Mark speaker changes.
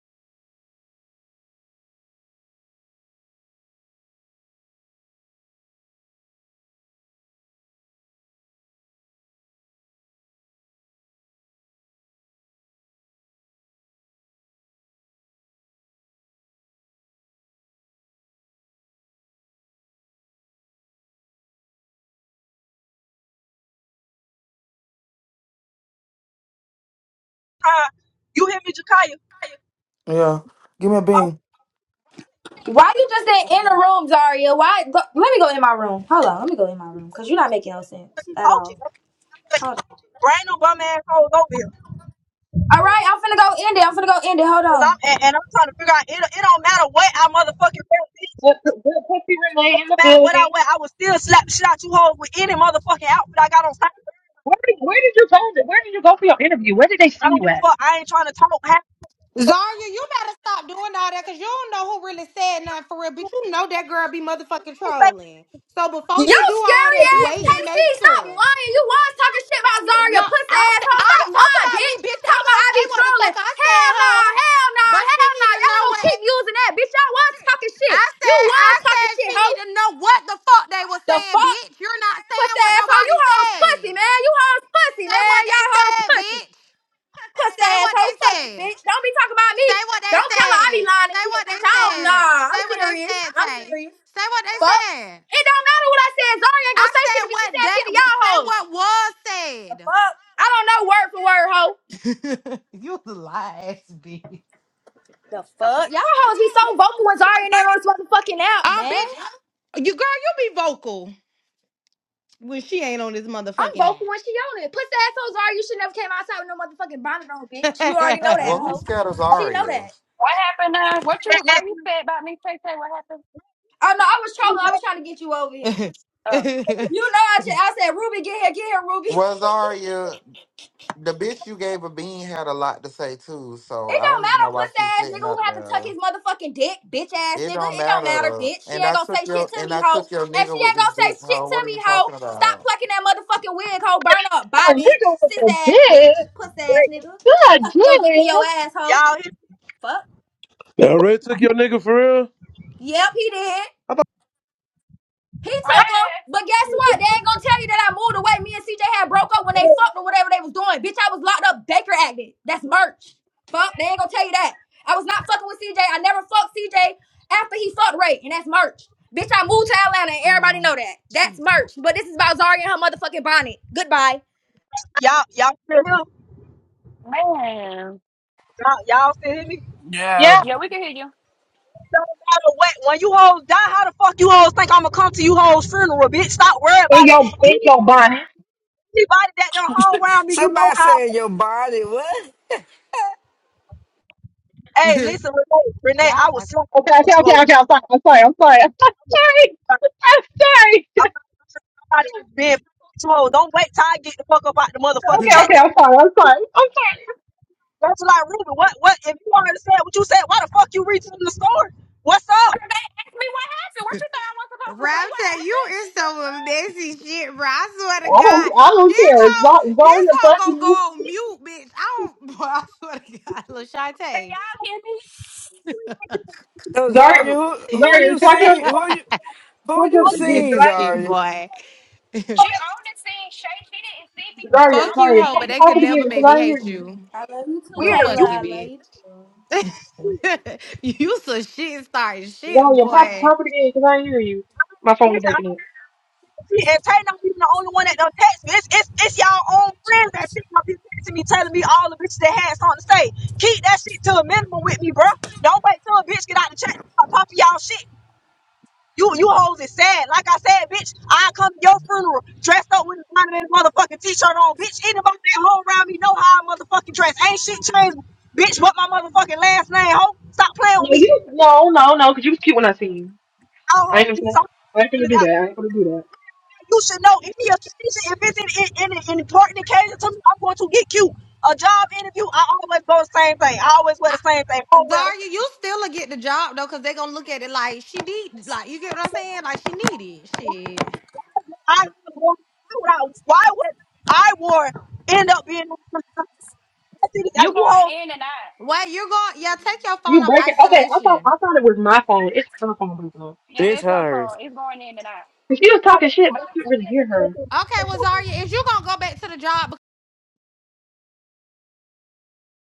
Speaker 1: Jakaya. You hear me, Jakaya?
Speaker 2: Yeah. Give me a
Speaker 1: Oh,
Speaker 2: bean.
Speaker 3: Why you just say in the room, Zaria? Why? Go, let me go in my room. Hold on. Let me go in my room because you're not making no sense
Speaker 1: fucking
Speaker 3: at
Speaker 1: poking.
Speaker 3: all. Hold on.
Speaker 1: Bring no bum ass hoes over here.
Speaker 3: All right. I'm finna go end it. I'm finna go end it. Hold
Speaker 1: Cause
Speaker 3: on.
Speaker 1: I'm, and, and I'm trying to figure out, it, it don't matter what I motherfucking wear. It
Speaker 4: Good, good pussy Renee in
Speaker 1: don't
Speaker 4: the
Speaker 1: matter what I
Speaker 4: building.
Speaker 1: wear. I will still slap the shit out you hoes with any motherfucking outfit I got on. Saturday.
Speaker 4: Where did, where did you go? To, where did you go for your interview? Where did they
Speaker 1: I
Speaker 4: see
Speaker 1: don't
Speaker 4: you
Speaker 1: give a
Speaker 4: at?
Speaker 1: fuck. I ain't trying to talk. half-
Speaker 5: Zarya, you better stop doing all that because you don't know who really said nothing for real. But you know that girl be motherfucking
Speaker 1: I ain't saying
Speaker 5: trolling. So before you
Speaker 3: You
Speaker 5: do all
Speaker 3: scary
Speaker 1: nothing
Speaker 5: that,
Speaker 1: to
Speaker 3: ass
Speaker 5: wait
Speaker 1: you.
Speaker 5: and
Speaker 3: KC.
Speaker 5: make sure.
Speaker 3: Stop lying. You was talking shit about Zaria,
Speaker 5: No,
Speaker 3: pussy
Speaker 5: I s- I
Speaker 3: asshole. Stop
Speaker 5: ain't talking
Speaker 3: lying,
Speaker 5: about me,
Speaker 3: bitch.
Speaker 5: bitch. I'm
Speaker 3: Talking about I
Speaker 5: gonna
Speaker 3: be
Speaker 5: say what the fuck
Speaker 3: trolling.
Speaker 5: I said,
Speaker 3: Hell nah.
Speaker 5: hoe.
Speaker 3: Hell nah.
Speaker 5: But she
Speaker 3: Hell
Speaker 5: need
Speaker 3: nah.
Speaker 5: to
Speaker 3: Y'all
Speaker 5: know
Speaker 3: ain't gonna
Speaker 5: what
Speaker 3: keep using that, bitch. Y'all was talking shit.
Speaker 5: I
Speaker 3: You
Speaker 5: said.
Speaker 3: was
Speaker 5: I said
Speaker 3: talking shit,
Speaker 5: she
Speaker 3: ho.
Speaker 5: need to know what the fuck they were
Speaker 3: The
Speaker 5: saying,
Speaker 3: fuck?
Speaker 5: bitch. You're not saying
Speaker 3: Pussy
Speaker 5: what
Speaker 3: asshole. You
Speaker 5: nobody
Speaker 3: hoes pussy,
Speaker 5: said.
Speaker 3: man. You hoes pussy,
Speaker 5: Say
Speaker 3: man.
Speaker 5: what they
Speaker 3: Y'all hoes
Speaker 5: said,
Speaker 3: pussy.
Speaker 5: bitch.
Speaker 3: Puss
Speaker 5: Say what they
Speaker 3: asshole, fuck you,
Speaker 5: said.
Speaker 3: bitch. Don't be talking about me.
Speaker 5: Say what
Speaker 3: Don't
Speaker 5: they
Speaker 3: tell her I be
Speaker 5: said.
Speaker 3: lying and
Speaker 5: Say
Speaker 3: shit,
Speaker 5: what
Speaker 3: bitch. I
Speaker 5: they
Speaker 3: don't
Speaker 5: said.
Speaker 3: nah. I'm
Speaker 5: Say what they
Speaker 3: serious.
Speaker 5: said,
Speaker 3: I'm
Speaker 5: Tay.
Speaker 3: serious.
Speaker 5: Say what they
Speaker 3: Fuck.
Speaker 5: said.
Speaker 3: It don't matter what I said. Zari ain't
Speaker 5: I
Speaker 3: gonna say shit to
Speaker 5: said
Speaker 3: me. She
Speaker 5: what
Speaker 3: said shit
Speaker 5: that.
Speaker 3: to y'all
Speaker 5: Say
Speaker 3: hoes.
Speaker 5: what was
Speaker 3: The
Speaker 5: said.
Speaker 3: fuck? I don't know word for word, hoe.
Speaker 5: Lies, bitch.
Speaker 3: Fuck. Y'all hoes be so vocal when Zari ain't never on this motherfucking app,
Speaker 5: Oh,
Speaker 3: man.
Speaker 5: bitch. You girl, you be vocal when she ain't on this
Speaker 3: I'm
Speaker 5: motherfucking
Speaker 3: vocal when she on it. Puss asshole Zari, you should never came outside with no motherfucking bonnet on, bitch. You already know that,
Speaker 6: Well,
Speaker 5: app.
Speaker 6: who
Speaker 3: hoe.
Speaker 6: scared of
Speaker 3: She know
Speaker 6: Zarya?
Speaker 3: that.
Speaker 7: What happened now? What you
Speaker 1: And-
Speaker 7: why
Speaker 1: and
Speaker 7: you said about me, Tay Tay? What happened?
Speaker 3: Oh no, I was
Speaker 1: you
Speaker 3: trolling.
Speaker 1: right.
Speaker 3: I was trying to get you over here.
Speaker 7: Oh.
Speaker 3: You know I, ch- I said, Ruby, get here, get here, Ruby.
Speaker 6: Well, Zarya, the bitch you gave a bean had a lot to say too, so
Speaker 3: It
Speaker 6: I
Speaker 3: don't
Speaker 6: don't even
Speaker 3: matter,
Speaker 6: know why
Speaker 3: pussy
Speaker 6: she's
Speaker 3: ass
Speaker 6: sitting
Speaker 3: nigga who
Speaker 6: up
Speaker 3: have to
Speaker 6: there.
Speaker 3: tuck his motherfucking dick, bitch ass
Speaker 6: It
Speaker 3: nigga.
Speaker 6: don't
Speaker 3: It don't matter,
Speaker 6: matter.
Speaker 3: bitch. She
Speaker 6: And
Speaker 3: ain't
Speaker 6: I
Speaker 3: gonna
Speaker 6: took
Speaker 3: say shit
Speaker 6: your
Speaker 3: to
Speaker 6: and
Speaker 3: me,
Speaker 6: I
Speaker 3: hoe.
Speaker 6: took your
Speaker 3: And she
Speaker 6: nigga with
Speaker 3: ain't
Speaker 6: this
Speaker 3: gonna say
Speaker 6: dick,
Speaker 3: shit
Speaker 6: hoe.
Speaker 3: to
Speaker 6: What are
Speaker 3: me,
Speaker 6: you
Speaker 3: hoe.
Speaker 6: talking
Speaker 3: Stop
Speaker 6: about?
Speaker 3: plucking that motherfucking wig, hoe. Burn up. Bye,
Speaker 4: Oh, you
Speaker 3: bitch.
Speaker 4: doing what
Speaker 3: Sis
Speaker 4: they
Speaker 3: ass,
Speaker 4: did?
Speaker 3: bitch. Pussy ass nigga.
Speaker 4: Good,
Speaker 3: Tucking your dick in
Speaker 4: good.
Speaker 3: your ass, hoe.
Speaker 1: Y'all hear
Speaker 3: Fuck.
Speaker 8: That Ray took your nigga for real?
Speaker 3: Yep, he did.
Speaker 8: I
Speaker 3: He took her,
Speaker 7: Man.
Speaker 3: but guess what? They ain't gonna tell you that I moved away. Me and CJ had broke up when they
Speaker 1: me?
Speaker 3: fucked or whatever they was doing. Bitch, I was locked up Baker acting. That's merch. Fuck, they ain't gonna tell you that. I was not fucking with CJ. I never fucked CJ after he fucked Ray, and that's merch. Bitch, I moved to Atlanta, and everybody know that. That's merch. But this is about Zarya and her motherfucking bonnet. Goodbye.
Speaker 1: Y'all, y'all still here?
Speaker 7: Man.
Speaker 1: Y'all, y'all still hear me?
Speaker 4: Yeah,
Speaker 9: Yeah.
Speaker 7: Yeah, we can hear you.
Speaker 1: Don't matter what. When you hoes die, how the fuck you hoes think I'ma come to you hoes funeral, bitch? Stop worrying
Speaker 4: in
Speaker 1: about
Speaker 4: your
Speaker 1: me.
Speaker 4: in your bonnet.
Speaker 1: Anybody that don't hung around me, you know
Speaker 9: Somebody
Speaker 1: how.
Speaker 9: said your body. What?
Speaker 1: Hey, listen, Renee, Renee
Speaker 5: Yeah.
Speaker 1: I was so
Speaker 4: Okay, okay,
Speaker 1: you hoe.
Speaker 4: okay, okay. I'm sorry. I'm sorry. I'm sorry. I'm sorry.
Speaker 1: I'm
Speaker 4: I'm sorry.
Speaker 1: not even being you hoe. Don't wait till I get the fuck up out the motherfucking
Speaker 4: Okay,
Speaker 1: chat
Speaker 4: okay.
Speaker 1: this
Speaker 4: I'm
Speaker 1: morning.
Speaker 4: sorry. I'm sorry. I'm sorry.
Speaker 1: That's like Ruby. What? What? If you already said what you said, why the fuck you reaching in the store? What's up?
Speaker 7: They asked me what happened. What you thought I was supposed to say? What
Speaker 5: Raptor, you
Speaker 7: happened?
Speaker 5: is
Speaker 7: The fuck?
Speaker 5: so messy shit, bro. I swear to
Speaker 4: I
Speaker 5: God.
Speaker 4: don't. I don't
Speaker 5: This
Speaker 4: care. It's
Speaker 5: hoe,
Speaker 4: not
Speaker 5: this
Speaker 4: going to
Speaker 5: hoe gonna go
Speaker 4: button.
Speaker 5: on mute, bitch. I don't, bro, I swear to God. Look,
Speaker 7: Can
Speaker 5: Shantae.
Speaker 7: y'all hear me?
Speaker 9: So Zarya,
Speaker 4: Zarya,
Speaker 9: who who
Speaker 4: Zarya,
Speaker 9: you
Speaker 4: talk your
Speaker 9: see? Who
Speaker 4: talk,
Speaker 9: you who
Speaker 4: talk your
Speaker 9: you
Speaker 4: shit again. Did
Speaker 9: seen,
Speaker 5: Messy
Speaker 4: I?
Speaker 5: shit,
Speaker 9: Zarya?
Speaker 5: boy.
Speaker 7: She
Speaker 5: fuck
Speaker 7: only seen Shay. She didn't see me because
Speaker 4: Zarya,
Speaker 7: I was
Speaker 5: you,
Speaker 4: Zarya,
Speaker 5: hoe,
Speaker 7: sitting
Speaker 4: talk,
Speaker 5: but
Speaker 7: at the
Speaker 5: that
Speaker 4: talk
Speaker 5: could
Speaker 4: it
Speaker 5: never
Speaker 4: again. Did
Speaker 5: make
Speaker 7: table.
Speaker 5: me
Speaker 4: I hear
Speaker 5: hate
Speaker 4: you?
Speaker 5: you.
Speaker 3: I love you too,
Speaker 5: But
Speaker 1: Weird.
Speaker 3: Kayla.
Speaker 5: fuck
Speaker 1: You
Speaker 5: you,
Speaker 3: I love you
Speaker 5: bitch. you some shit starting shit,
Speaker 4: Yo, yo, pop,
Speaker 5: boy.
Speaker 4: pop it again, cause I ain't hear you. My phone was
Speaker 1: listen.
Speaker 4: breaking up.
Speaker 1: And Tay not even the only one that done text me. It's, it's, it's y'all own friends that sitting up here texting me, telling me all the bitches that had something to say. Keep that shit to a minimum with me, bruh. Don't wait till a bitch get out the chat and start pumping y'all shit. You you hoes is sad. Like I said, bitch, I come to your funeral dressed up with a Donovan motherfucking t-shirt on. Bitch, anybody that hoe around me know how I motherfucking dress. Ain't shit changed, bitch, what my motherfucking last name, hoe. Stop playing
Speaker 4: No,
Speaker 1: with me.
Speaker 4: you, no, no, no, cause you was cute when I seen you. I ain't
Speaker 1: Y'all hoes be
Speaker 4: gonna,
Speaker 1: so
Speaker 4: I ain't gonna do that. I ain't gonna do that.
Speaker 1: You should know any occasion, if it's an, an, an important occasion to me, I'm going to get you a job interview. I always go the same thing. I always wear the
Speaker 5: I-
Speaker 1: same thing. Oh well. that's-
Speaker 5: Zarya, you still will get the job though, cause they gonna look at it like she need, like you get what I'm saying, like she needed shit.
Speaker 1: I wore, why would I why would I wore end up being? I think that
Speaker 7: You
Speaker 1: you
Speaker 7: going in and out.
Speaker 5: Wait, you're going, yeah, take your phone
Speaker 4: You
Speaker 5: off
Speaker 4: breaking? Okay, I thought,
Speaker 5: isolation.
Speaker 4: I thought it was my phone. It's her phone breaking up.
Speaker 7: Yeah,
Speaker 9: It's
Speaker 7: it's her
Speaker 9: hers.
Speaker 7: phone. It's going in and out.
Speaker 4: 'Cause She was talking shit, but I couldn't really hear her.
Speaker 5: Okay, well,
Speaker 1: hold.
Speaker 5: Zarya, if you gonna go back to the job